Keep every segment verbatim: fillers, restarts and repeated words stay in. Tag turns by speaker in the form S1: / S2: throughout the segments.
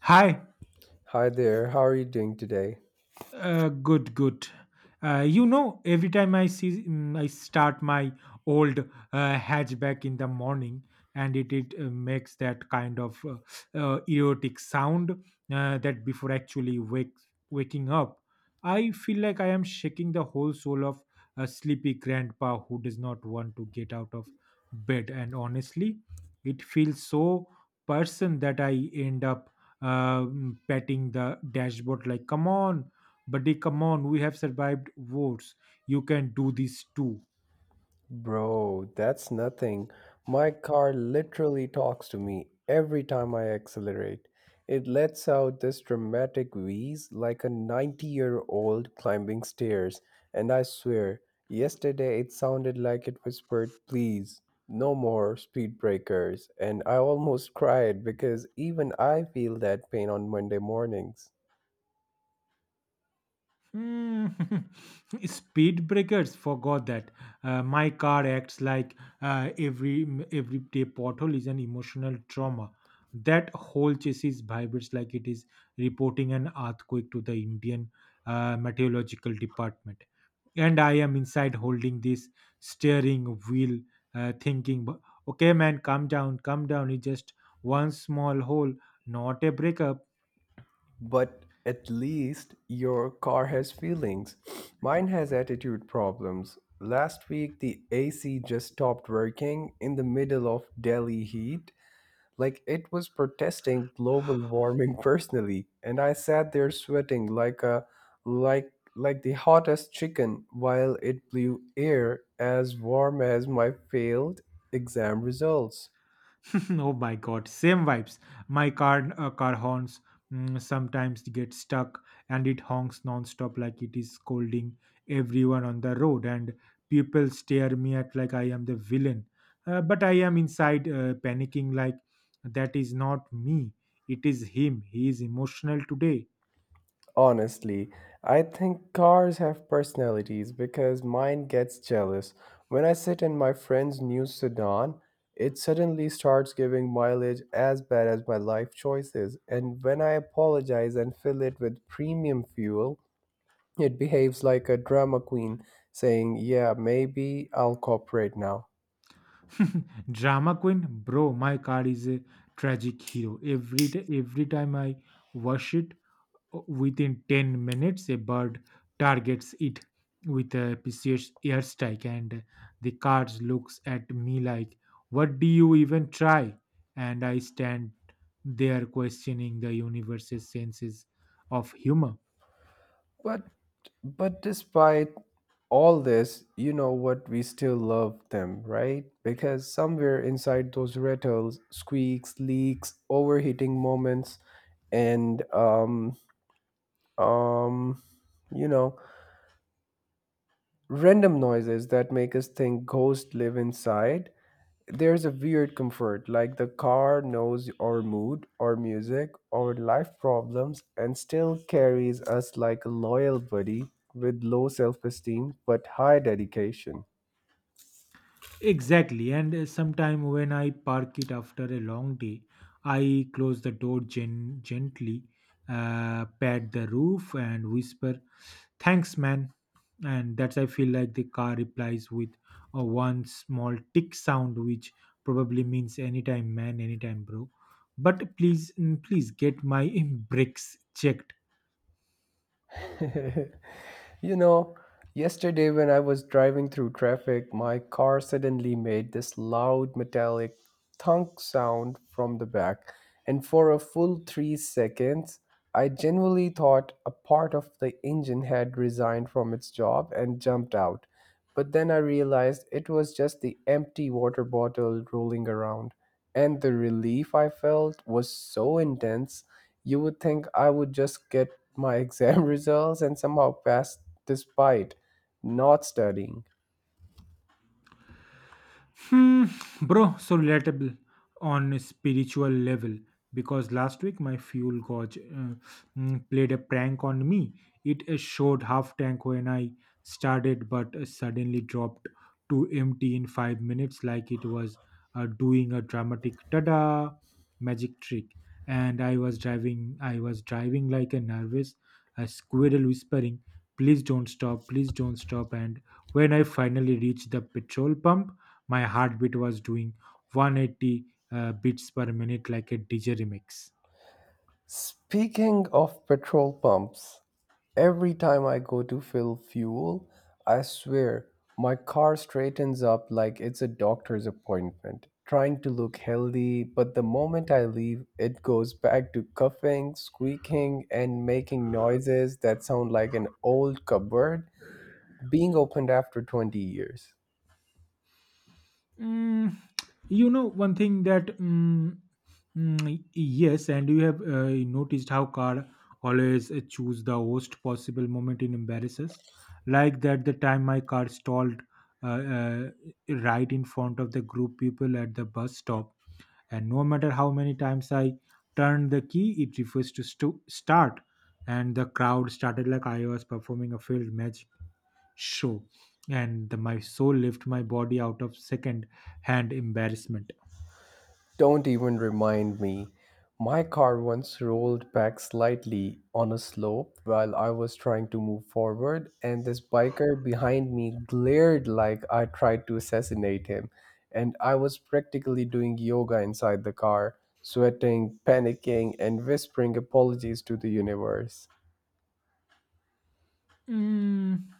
S1: Hi.
S2: Hi there, how are you doing today?
S1: Uh, good, good. Uh, you know, every time I see, mm, I start my old uh, hatchback in the morning, and it it uh, makes that kind of uh, uh, erotic sound uh, that before actually wake waking up, I feel like I am shaking the whole soul of a sleepy grandpa who does not want to get out of bed. And honestly, it feels so person that I end up uh, mm, patting the dashboard like, "Come on, buddy, come on, we have survived wars, you can do this too."
S2: Bro, that's nothing. My car literally talks to me every time I accelerate. It lets out this dramatic wheeze like a ninety year old climbing stairs, and I swear, yesterday it sounded like it whispered, Please, no more speed breakers, and I almost cried because even I feel that pain on Monday mornings.
S1: Hmm. Speed breakers forgot that. Uh, my car acts like uh, every every day pothole is an emotional trauma. That whole chassis vibrates like it is reporting an earthquake to the Indian uh, meteorological department. And I am inside holding this steering wheel, uh, thinking, "Bu- "Okay, man, calm down, calm down. It's just one small hole, not a breakup."
S2: But at least your car has feelings. Mine has attitude problems. Last week, the A C just stopped working in the middle of Delhi heat, like it was protesting global warming personally. And I sat there sweating like a like like the hottest chicken while it blew air as warm as my failed exam results.
S1: Oh my God, same vibes. My car uh, car horns mm, sometimes get stuck, and it honks non-stop like it is scolding everyone on the road, and people stare me at like I am the villain. Uh, but I am inside uh, panicking like, that is not me, it is him, he is emotional today.
S2: Honestly, I think cars have personalities because mine gets jealous. When I sit in my friend's new sedan, it suddenly starts giving mileage as bad as my life choices. And when I apologize and fill it with premium fuel, it behaves like a drama queen saying, Yeah, maybe I'll cooperate now.
S1: Drama queen. Bro, my car is a tragic hero. Every day, every time I wash it, within ten minutes, a bird targets it with a precious airstrike, and the card looks at me like, what do you even try? And I stand there questioning the universe's senses of humor.
S2: But but despite all this, you know what we still love them, right? Because somewhere inside those rattles, squeaks, leaks, overheating moments, and um um you know random noises that make us think ghosts live inside there's a weird comfort, like the car knows our mood, our music, our life problems, and still carries us like a loyal buddy with low self esteem but high dedication.
S1: Exactly, and uh, sometime when I park it after a long day, I close the door gen- gently, uh, pat the roof, and whisper, "Thanks, man." And that's, I feel like the car replies with a one small tick sound which probably means, anytime man, anytime bro, but please, mm, please get my brakes checked.
S2: You know, yesterday when I was driving through traffic, my car suddenly made this loud metallic thunk sound from the back, and for a full three seconds, I genuinely thought a part of the engine had resigned from its job and jumped out. But then I realized it was just the empty water bottle rolling around, and the relief I felt was so intense you would think I would just get my exam results and somehow pass despite not studying.
S1: Hmm, bro, so relatable on a spiritual level, because last week my fuel gauge uh, mm, played a prank on me. It uh, showed half tank when I started, but uh, suddenly dropped to empty in five minutes, like it was uh, doing a dramatic tada magic trick. And I was driving, I was driving like a nervous, a squirrel, whispering, "Please don't stop! Please don't stop!" And when I finally reached the petrol pump, my heartbeat was doing one eighty uh, beats per minute like a D J remix.
S2: Speaking of petrol pumps, every time I go to fill fuel, I swear my car straightens up like it's a doctor's appointment, trying to look healthy, but the moment I leave, it goes back to coughing, squeaking, and making noises that sound like an old cupboard being opened after twenty years.
S1: Mm, you know one thing that mm, mm, yes, and you have uh, noticed how car always uh, choose the worst possible moment in embarrasses, like that the time my car stalled uh, uh, right in front of the group people at the bus stop, and no matter how many times I turned the key, it refused to stu- start, and the crowd started like I was performing a field magic show, and the, my soul left my body out of second hand embarrassment.
S2: Don't even remind me. My car once rolled back slightly on a slope while I was trying to move forward, and this biker behind me glared like I tried to assassinate him. And I was practically doing yoga inside the car, sweating, panicking, and whispering apologies to the universe.
S1: Mm,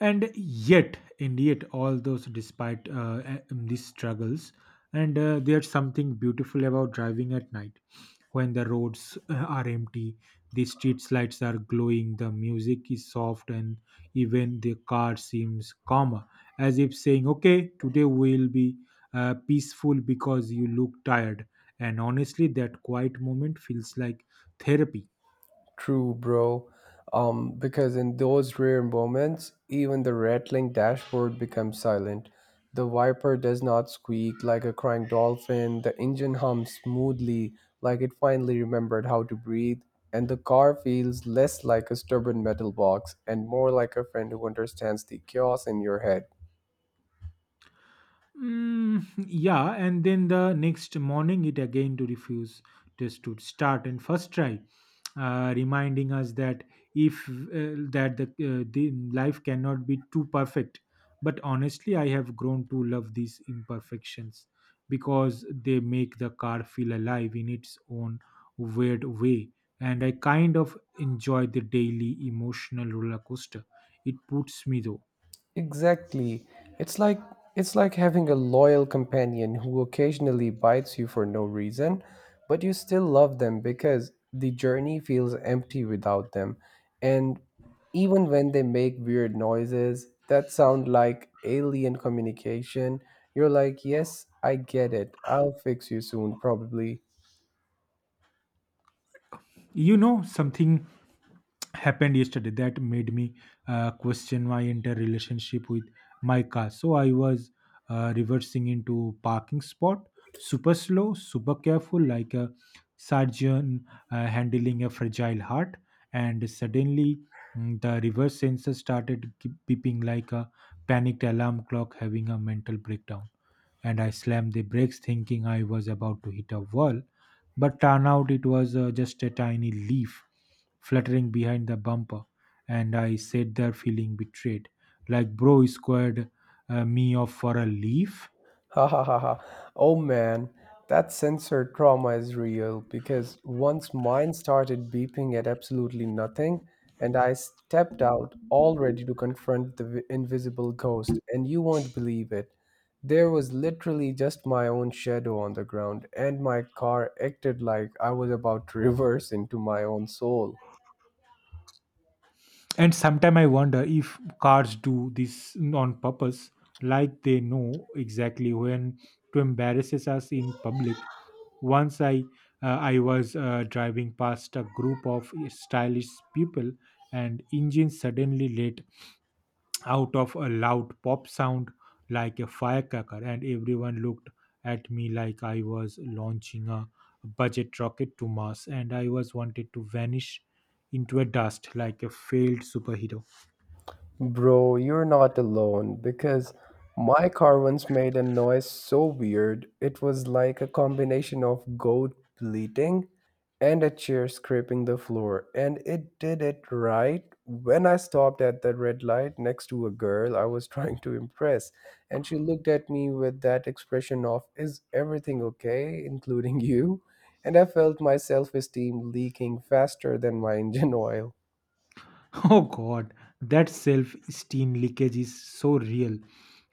S1: and yet and yet all those despite uh, a- um, these struggles, and uh, there's something beautiful about driving at night when the roads uh, are empty, the street lights are glowing, the music is soft, and even the car seems calmer, as if saying, okay, today will be uh, peaceful because you look tired. And honestly, that quiet moment feels like therapy.
S2: True, bro. Um, because in those rare moments, even the rattling dashboard becomes silent. The wiper does not squeak like a crying dolphin. The engine hums smoothly, like it finally remembered how to breathe. And the car feels less like a stubborn metal box and more like a friend who understands the chaos in your head.
S1: Mm, yeah, and then the next morning it again to refuse test to start and first try, uh, reminding us that if uh, that the, uh, the life cannot be too perfect. But honestly, I have grown to love these imperfections because they make the car feel alive in its own weird way, and I kind of enjoy the daily emotional roller coaster it puts me through.
S2: Exactly. It's like it's like having a loyal companion who occasionally bites you for no reason, but you still love them because the journey feels empty without them. And even when they make weird noises that sound like alien communication, you're like, "Yes, I get it. I'll fix you soon, probably."
S1: You know something happened yesterday that made me uh, question my entire relationship with my car. So I was uh, reversing into parking spot, super slow, super careful, like a surgeon uh, handling a fragile heart, and suddenly, mm, the reverse sensor started gi- beeping like a panicked alarm clock having a mental breakdown, and I slammed the brakes thinking I was about to hit a wall. But turned out it was uh, just a tiny leaf fluttering behind the bumper, and I sat there feeling betrayed. Like, bro, you squared uh, me off for a leaf.
S2: Ha ha ha ha. Oh man, that sensor trauma is real because once mine started beeping at absolutely nothing, and I stepped out all ready to confront the vi- invisible ghost, and you won't believe it. There was literally just my own shadow on the ground, and my car acted like I was about to reverse into my own soul.
S1: And sometimes I wonder if cars do this on purpose, like they know exactly when to embarrasses us in public. Once I uh, I was uh, driving past a group of stylish people, and engine suddenly let out of a loud pop sound like a firecracker, and everyone looked at me like I was launching a budget rocket to Mars, and I was wanted to vanish into a dust like a failed superhero.
S2: Bro, you're not alone because my car once made a noise so weird. It was like a combination of goat bleating and a chair scraping the floor. And it did it right when I stopped at the red light next to a girl I was trying to impress. And she looked at me with that expression of, Is everything okay, including you? And I felt my self esteem leaking faster than my engine oil.
S1: Oh God, that self-esteem leakage is so real,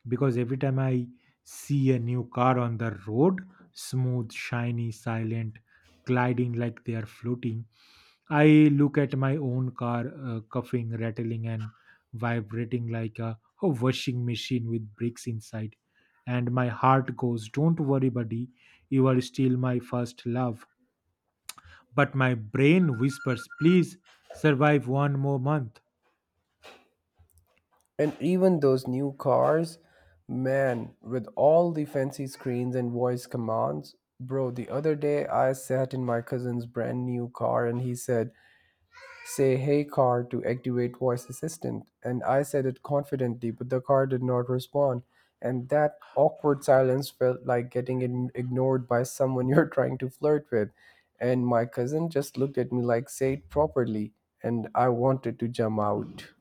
S1: because every time I see a new car on the road, smooth, shiny, silent, gliding like they are floating, I look at my own car uh, cuffing, rattling, and vibrating like a, a washing machine with bricks inside, and my heart goes, "Don't worry, buddy, you are still my first love." But my brain whispers, "Please survive one more month."
S2: And even those new cars, man, with all the fancy screens and voice commands. Bro, the other day I sat in my cousin's brand new car and he said, Say hey car to activate voice assistant. And I said it confidently, but the car did not respond. And that awkward silence felt like getting ign- ignored by someone you're trying to flirt with. And my cousin just looked at me like, Say it properly. And I wanted to jump out.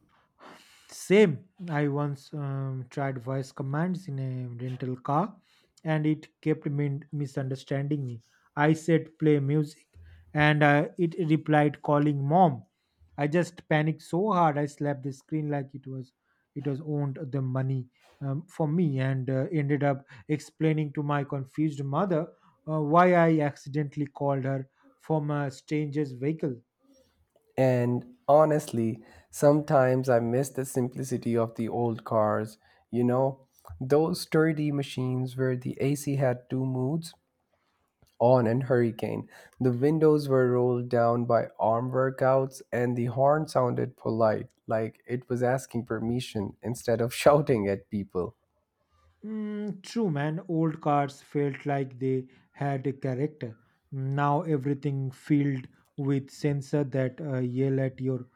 S1: Same. I once um, tried voice commands in a rental car, and it kept min- misunderstanding me. I said play music, and uh, it replied calling mom. I just panicked so hard I slapped the screen like it was it was owned the money um, for me, and uh, ended up explaining to my confused mother uh, why I accidentally called her from a stranger's vehicle.
S2: And honestly, sometimes I miss the simplicity of the old cars. You know, those sturdy machines where the A C had two moods on and hurricane. The windows were rolled down by arm workouts, and the horn sounded polite, like it was asking permission instead of shouting at people.
S1: Mm, true, man. Old cars felt like they had a character. Now everything filled with sensor that uh, yell at your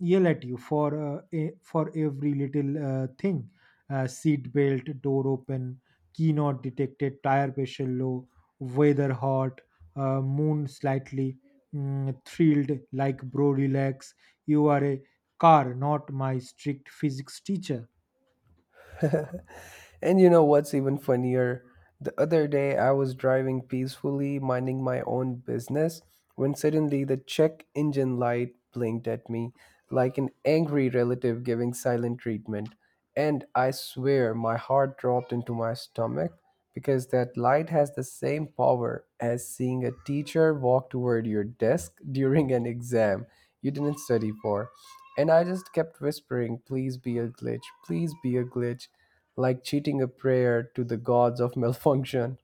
S1: yell at you for uh, e- for every little uh, thing. Uh, seat belt, door open, key not detected, tire pressure low, weather hot, uh, moon slightly mm, thrilled. Like bro, relax. You are a car, not my strict physics teacher.
S2: And you know what's even funnier? The other day I was driving peacefully, minding my own business, when suddenly the check engine light blinked at me like an angry relative giving silent treatment. And I swear my heart dropped into my stomach because that light has the same power as seeing a teacher walk toward your desk during an exam you didn't study for. And I just kept whispering, please be a glitch, please be a glitch like cheating a prayer to the gods of malfunction.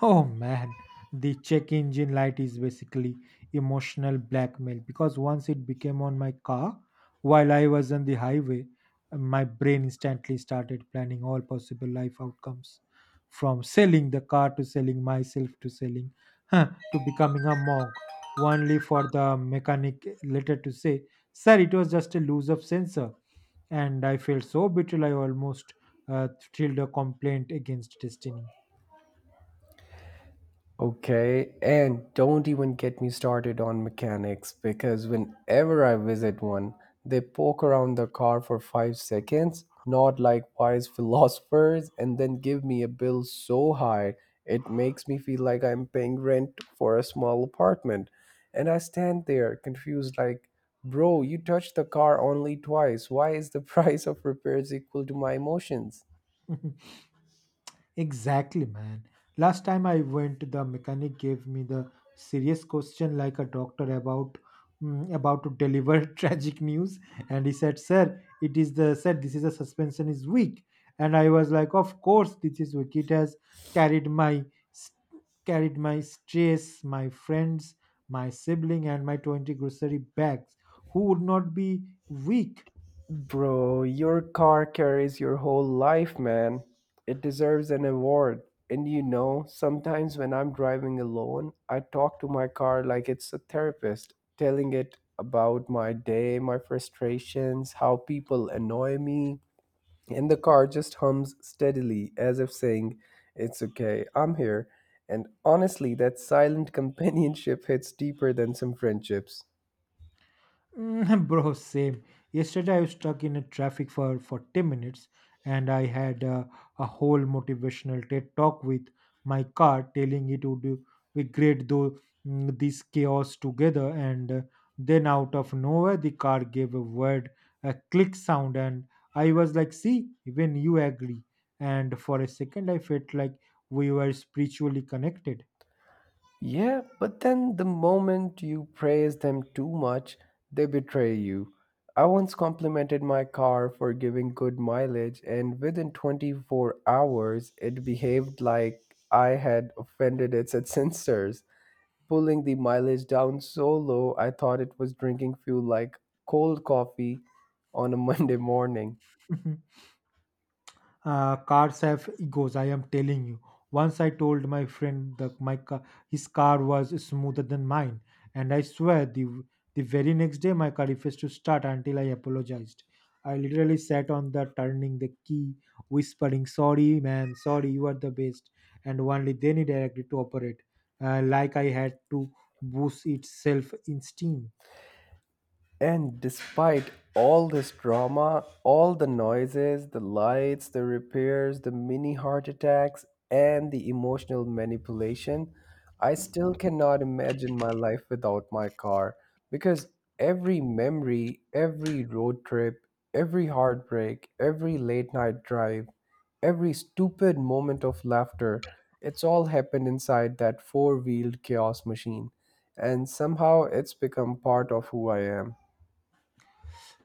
S1: Oh man, the check engine light is basically emotional blackmail, because once it became on my car while I was on the highway, my brain instantly started planning all possible life outcomes, from selling the car to selling myself to selling huh, to becoming a monk, only for the mechanic later to say, "Sir, it was just a loose of sensor." And I felt so betrayal, I almost uh, filed a complaint against destiny.
S2: Okay, and don't even get me started on mechanics because whenever I visit one, they poke around the car for five seconds, nod like wise philosophers, and then give me a bill so high it makes me feel like I'm paying rent for a small apartment. And I stand there confused, like, bro, you touched the car only twice. Why is the price of repairs equal to my emotions?
S1: Exactly, man. Last time I went, the mechanic gave me the serious question like a doctor about mm, about to deliver tragic news, and he said, "Sir, it is the said this is a suspension is weak," and I was like, "Of course, this is weak. It has carried my s- carried my stress, my friends, my sibling, and my twenty grocery bags. Who would not be weak?"
S2: Bro, your car carries your whole life, man. It deserves an award. And you know, sometimes when I'm driving alone, I talk to my car like it's a therapist, telling it about my day, my frustrations, how people annoy me. And the car just hums steadily, as if saying, It's okay, I'm here. And honestly, that silent companionship hits deeper than some friendships.
S1: Mm, Bro, same. Yesterday I was stuck in a traffic for forty minutes, and I had uh, a whole motivational TED talk with my car telling it would do- be great though, mm, this chaos together, and uh, then out of nowhere the car gave a weird, a click sound, and I was like, see, even you agree. And for a second I felt like we were spiritually connected.
S2: Yeah, but then the moment you praise them too much, they betray you. I once complimented my car for giving good mileage, and within twenty-four hours, it behaved like I had offended its sensors, pulling the mileage down so low I thought it was drinking fuel like cold coffee on a Monday morning.
S1: Uh, cars have egos, I am telling you. Once I told my friend that my car, his car was smoother than mine, and I swear the the very next day my car refused to start until I apologized. I literally sat on the turning the key, whispering, sorry man, sorry, you are the best. And only then it directed to operate, uh, like I had to boost its self esteem.
S2: And despite all this drama, all the noises, the lights, the repairs, the mini heart attacks, and the emotional manipulation, I still cannot imagine my life without my car because every memory, every road trip, every heartbreak, every late night drive, every stupid moment of laughter, it's all happened inside that four wheeled chaos machine. And somehow it's become part of who I am.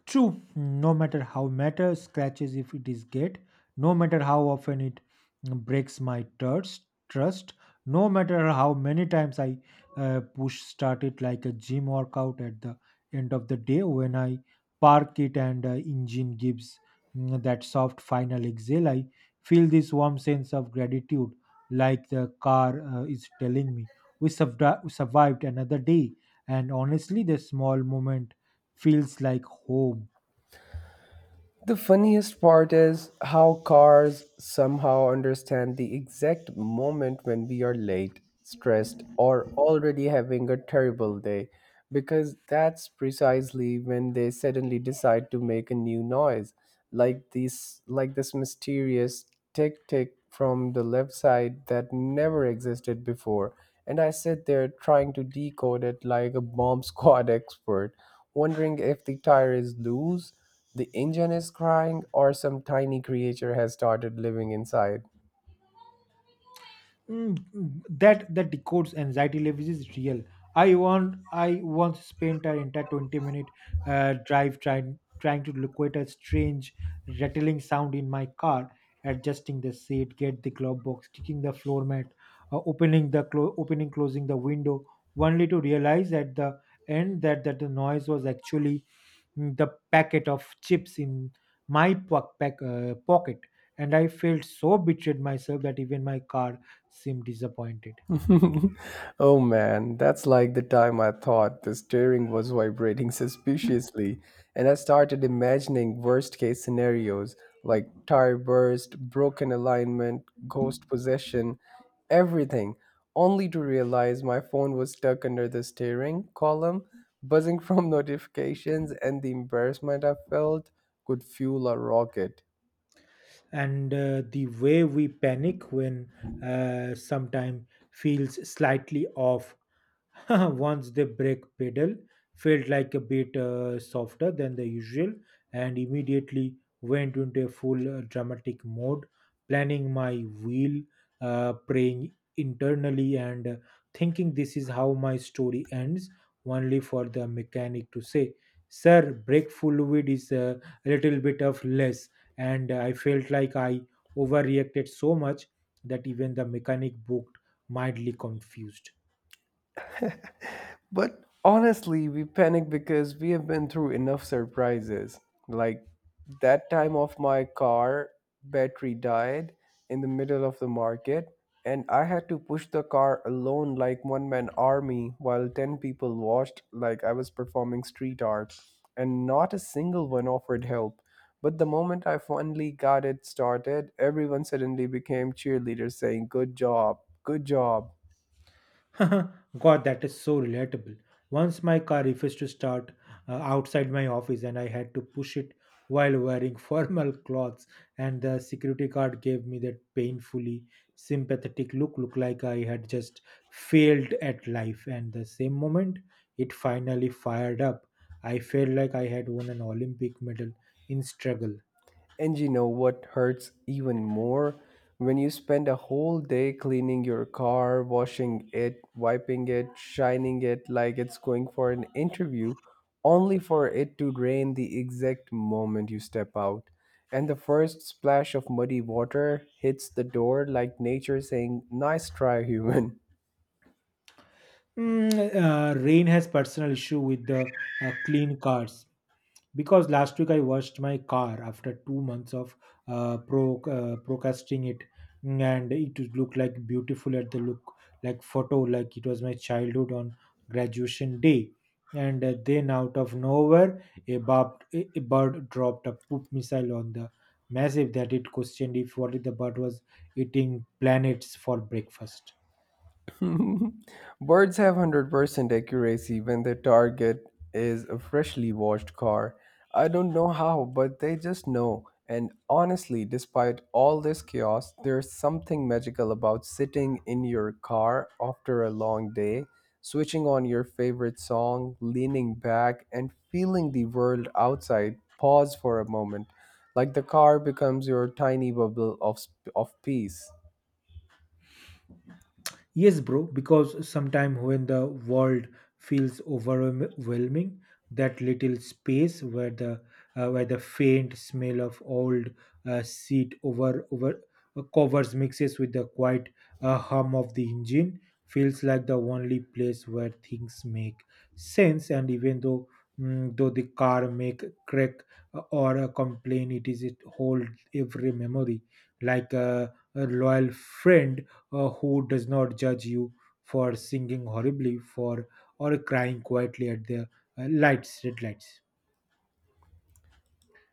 S1: True, no matter how matter scratches if it is get, no matter how often it breaks my trust, trust, no matter how many times I uh, push start it like a gym workout, at the end of the day when I park it and uh, engine gives mm, that soft final exhale, I feel this warm sense of gratitude, like the car uh, is telling me we survived. Survived another day. And honestly, the small moment feels like home.
S2: The funniest part is how cars somehow understand the exact moment when we are late, stressed, or already having a terrible day, because that's precisely when they suddenly decide to make a new noise, like this like this mysterious tick tick from the left side that never existed before. And I sit there trying to decode it like a bomb squad expert, wondering if the tire is loose the engine is crying, or some tiny creature has started living inside.
S1: Mm, that that decodes anxiety levels is real. I want I once spent an entire twenty minute uh, drive trying trying to locate a strange rattling sound in my car, adjusting the seat, get the glove box, kicking the floor mat, uh, opening the clo- opening closing the window, only to realize at the end that that the noise was actually mm, the packet of chips in my po- pack, uh, pocket, and I felt so betrayed myself that even my car seemed disappointed.
S2: Oh man, that's like the time I thought the steering was vibrating suspiciously, and I started imagining worst case scenarios like tire burst, broken alignment, ghost possession, everything, only to realize my phone was stuck under the steering column, buzzing from notifications, and the embarrassment I felt could fuel a rocket.
S1: And uh, The way we panic when uh, sometime feels slightly off. Once the brake pedal felt like a bit uh, softer than the usual, and immediately went into a full uh, dramatic mode, planning my wheel, uh, praying internally, and uh, thinking this is how my story ends, only for the mechanic to say, "Sir, brake fluid is uh, a little bit of less." And I felt like I overreacted so much that even the mechanic booked mildly confused.
S2: But honestly, we panic because we have been through enough surprises. Like that time of my car battery died in the middle of the market and I had to push the car alone like one man army while ten people watched like I was performing street art and not a single one offered help. But the moment I finally got it started, everyone suddenly became cheerleaders saying, Good job, good job.
S1: God, that is so relatable. Once my car refused to start uh, outside my office, and I had to push it while wearing formal clothes, and the security guard gave me that painfully sympathetic look, look like I had just failed at life. And the same moment it finally fired up, I felt like I had won an Olympic medal in struggle.
S2: And you know what hurts even more? When you spend a whole day cleaning your car, washing it, wiping it, shining it like it's going for an interview, only for it to rain the exact moment you step out. And the first splash of muddy water hits the door like nature saying, Nice try, human.
S1: Mm, uh, Rain has personal issue with the uh, clean cars, because last week I washed my car after two months of uh, pro uh, procrastinating it. Mm, and it would look like beautiful at the look, like photo, like it was my childhood on graduation day. And uh, then out of nowhere, a, bird a bird dropped a poop missile on the massive that it questioned if what if the bird was eating planets for breakfast.
S2: Birds have one hundred percent accuracy when their target is a freshly washed car. I don't know how, but they just know. And honestly, despite all this chaos, there's something magical about sitting in your car after a long day, switching on your favorite song, leaning back, and feeling the world outside pause for a moment. Like the car becomes your tiny bubble of, sp- of peace.
S1: Yes, bro, because sometimes when the world feels overwhelming, that little space where the uh, where the faint smell of old uh, seat over over uh, covers mixes with the quiet uh, hum of the engine feels like the only place where things make sense. And even though mm, though the car make crack uh, or a complaint, it is it hold every memory like a, a loyal friend uh, who does not judge you for singing horribly for or crying quietly at the uh, lights red lights.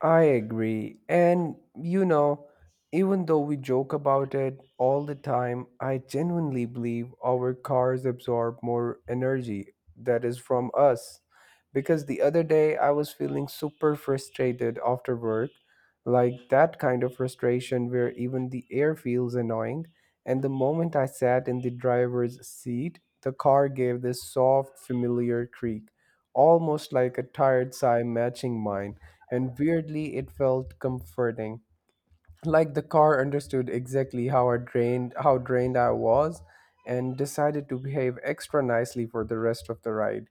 S2: I agree. And, you know, even though we joke about it all the time, I genuinely believe our cars absorb more energy that is from us. Because the other day I was feeling super frustrated after work, like that kind of frustration where even the air feels annoying. And the moment I sat in the driver's seat, the car gave this soft, familiar creak, almost like a tired sigh matching mine, and weirdly it felt comforting, like the car understood exactly how I drained how drained I was and decided to behave extra nicely for the rest of the ride.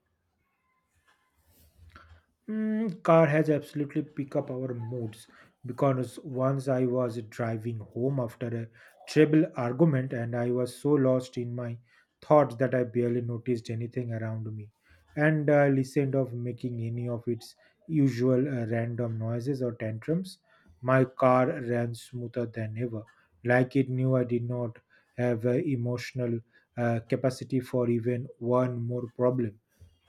S1: Mm, car has absolutely picked up our moods, because once I was driving home after a terrible argument, and I was so lost in my thoughts that I barely noticed anything around me, and uh, listened of making any of its usual uh, random noises or tantrums. My car ran smoother than ever, like it knew I did not have uh, emotional uh, capacity for even one more problem,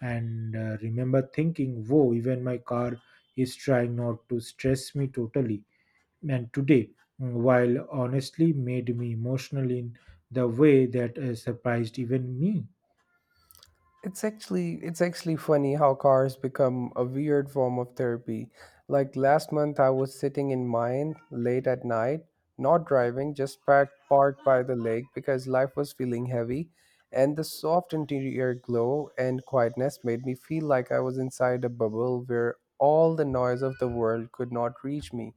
S1: and uh, remember thinking, whoa, even my car is trying not to stress me totally. And today, mm, while honestly made me emotional in the way that uh, surprised even me.
S2: It's actually it's actually funny how cars become a weird form of therapy. Like last month I was sitting in mine late at night, not driving, just packed parked by the lake because life was feeling heavy, and the soft interior glow and quietness made me feel like I was inside a bubble where all the noise of the world could not reach me.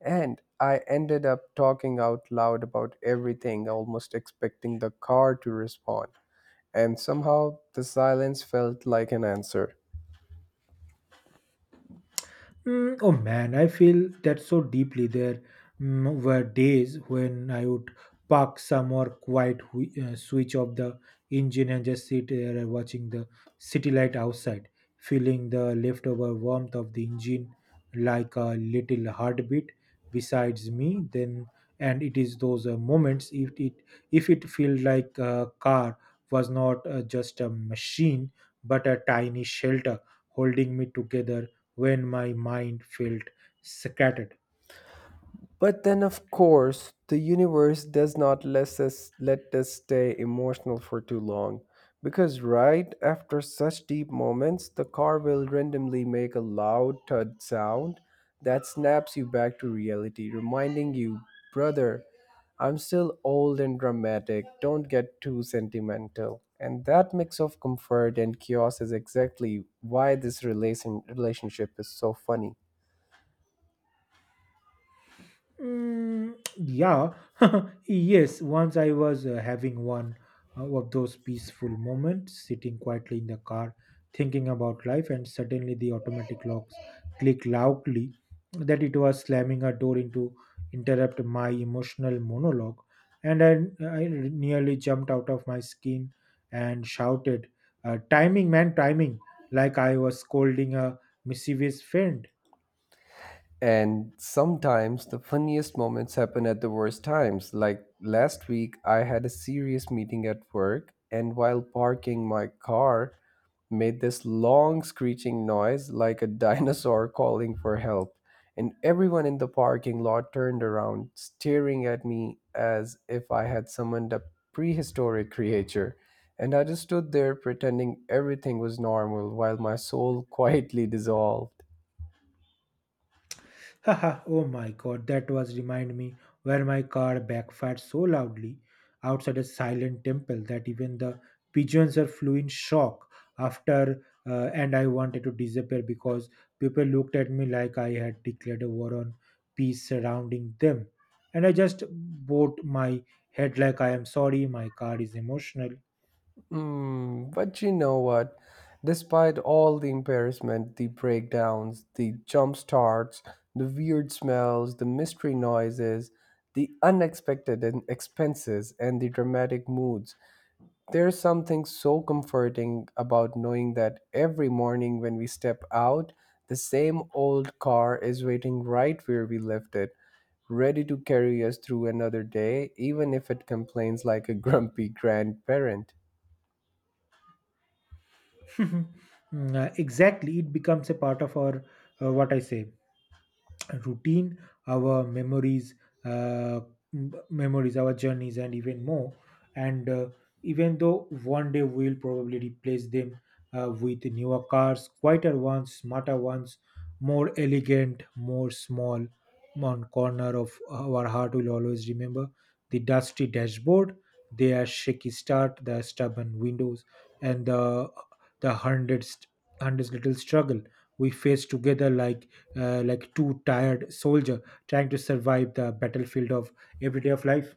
S2: And I ended up talking out loud about everything, almost expecting the car to respond, and somehow the silence felt like an answer.
S1: Mm, oh man, I feel that so deeply. There mm, were days when I would park somewhere quiet, whi- uh, switch off the engine, and just sit there watching the city light outside, feeling the leftover warmth of the engine like a little heartbeat besides me. Then, and it is those uh, moments if it if it feels like a car was not uh, just a machine but a tiny shelter holding me together when my mind felt scattered.
S2: But then, of course, the universe does not let us, let us stay emotional for too long. Because right after such deep moments, the car will randomly make a loud thud sound that snaps you back to reality, reminding you, brother, I'm still old and dramatic, don't get too sentimental. And that mix of comfort and chaos is exactly why this relation, relationship is so funny.
S1: Mm, yeah, yes. Once I was uh, having one uh, of those peaceful moments, sitting quietly in the car, thinking about life, and suddenly the automatic locks click loudly that it was slamming a door into interrupt my emotional monologue, and I, I nearly jumped out of my skin and shouted, uh, "Timing, man, timing!" Like I was scolding a mischievous friend.
S2: And sometimes the funniest moments happen at the worst times. Like last week, I had a serious meeting at work, and while parking my car, made this long screeching noise like a dinosaur calling for help. And everyone in the parking lot turned around, staring at me as if I had summoned a prehistoric creature. And I just stood there pretending everything was normal while my soul quietly dissolved.
S1: Haha, oh my god, that was remind me where my car backfired so loudly outside a silent temple that even the pigeons are flew in shock after uh, and I wanted to disappear because people looked at me like I had declared a war on peace surrounding them. And I just bowed my head like I am sorry, my car is emotional.
S2: Mm, but you know what? Despite all the embarrassment, the breakdowns, the jump starts, the weird smells, the mystery noises, the unexpected in- expenses, and the dramatic moods, there's something so comforting about knowing that every morning when we step out, the same old car is waiting right where we left it, ready to carry us through another day, even if it complains like a grumpy grandparent.
S1: Mm, uh, exactly, it becomes a part of our uh, what I say, routine, our memories, uh, m- memories, our journeys, and even more. And uh, even though one day we'll probably replace them uh, with newer cars, quieter ones, smarter ones, more elegant, more small, one corner of our heart will always remember the dusty dashboard, their shaky start, the stubborn windows, and the the hundreds hundreds little struggle we face together like uh, like too tired soldier trying to survive the battlefield of everyday of life.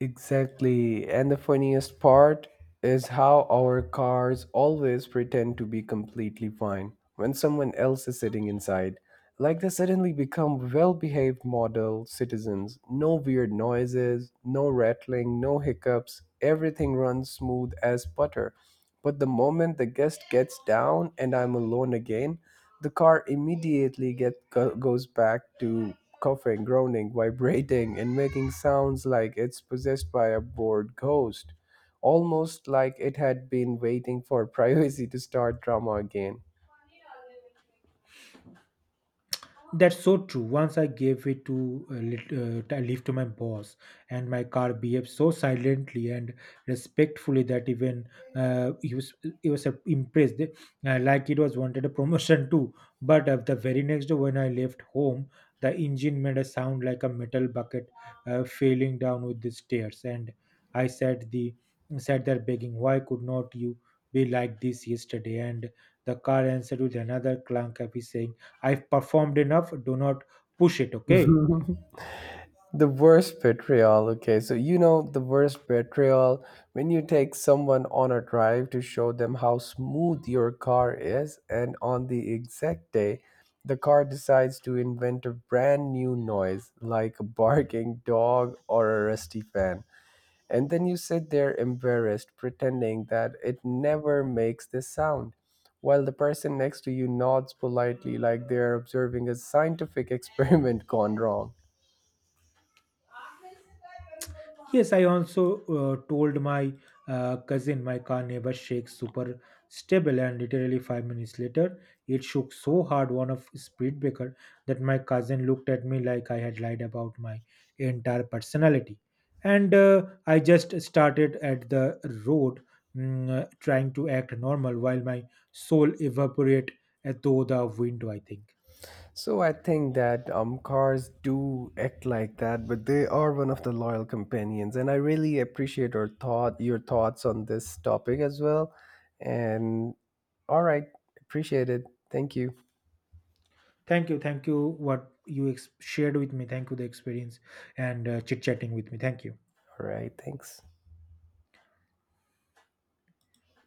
S2: Exactly. And the funniest part is how our cars always pretend to be completely fine when someone else is sitting inside. Like they suddenly become well behaved model citizens. No weird noises, no rattling, no hiccups. Everything runs smooth as butter. But the moment the guest gets down and I'm alone again, the car immediately get, go, goes back to coughing, groaning, vibrating, and making sounds like it's possessed by a bored ghost, almost like it had been waiting for privacy to start drama again.
S1: That's so true. Once I gave it to a lit- uh, t- a lift to my boss, and my car behaved so silently and respectfully that even uh, he was he was uh, impressed, uh, like it was wanted a promotion too. But uh, the very next day when I left home, the engine made a sound like a metal bucket uh, falling down with the stairs, and I said the sat there begging, "Why could not you be like this yesterday?" And the car answered with another clunk, happy saying, "I've performed enough. Do not push it, okay?"
S2: The worst betrayal. Okay, so you know the worst betrayal when you take someone on a drive to show them how smooth your car is, and on the exact day, the car decides to invent a brand new noise like a barking dog or a rusty fan. And then you sit there embarrassed, pretending that it never makes this sound, while the person next to you nods politely like they're observing a scientific experiment gone wrong.
S1: Yes, I also uh, told my uh, cousin my car never shakes, super stable, and literally five minutes later, it shook so hard one of speed breaker that my cousin looked at me like I had lied about my entire personality. And uh, I just started at the road, mm, uh, trying to act normal while my soul evaporate uh, through the window, I think.
S2: So I think that um cars do act like that, but they are one of the loyal companions, and I really appreciate your thought, your thoughts on this topic as well. And all right, appreciate it. Thank you.
S1: Thank you. Thank you. What you ex- shared with me. Thank you. The experience and uh, chit chatting with me. Thank you.
S2: All right, thanks.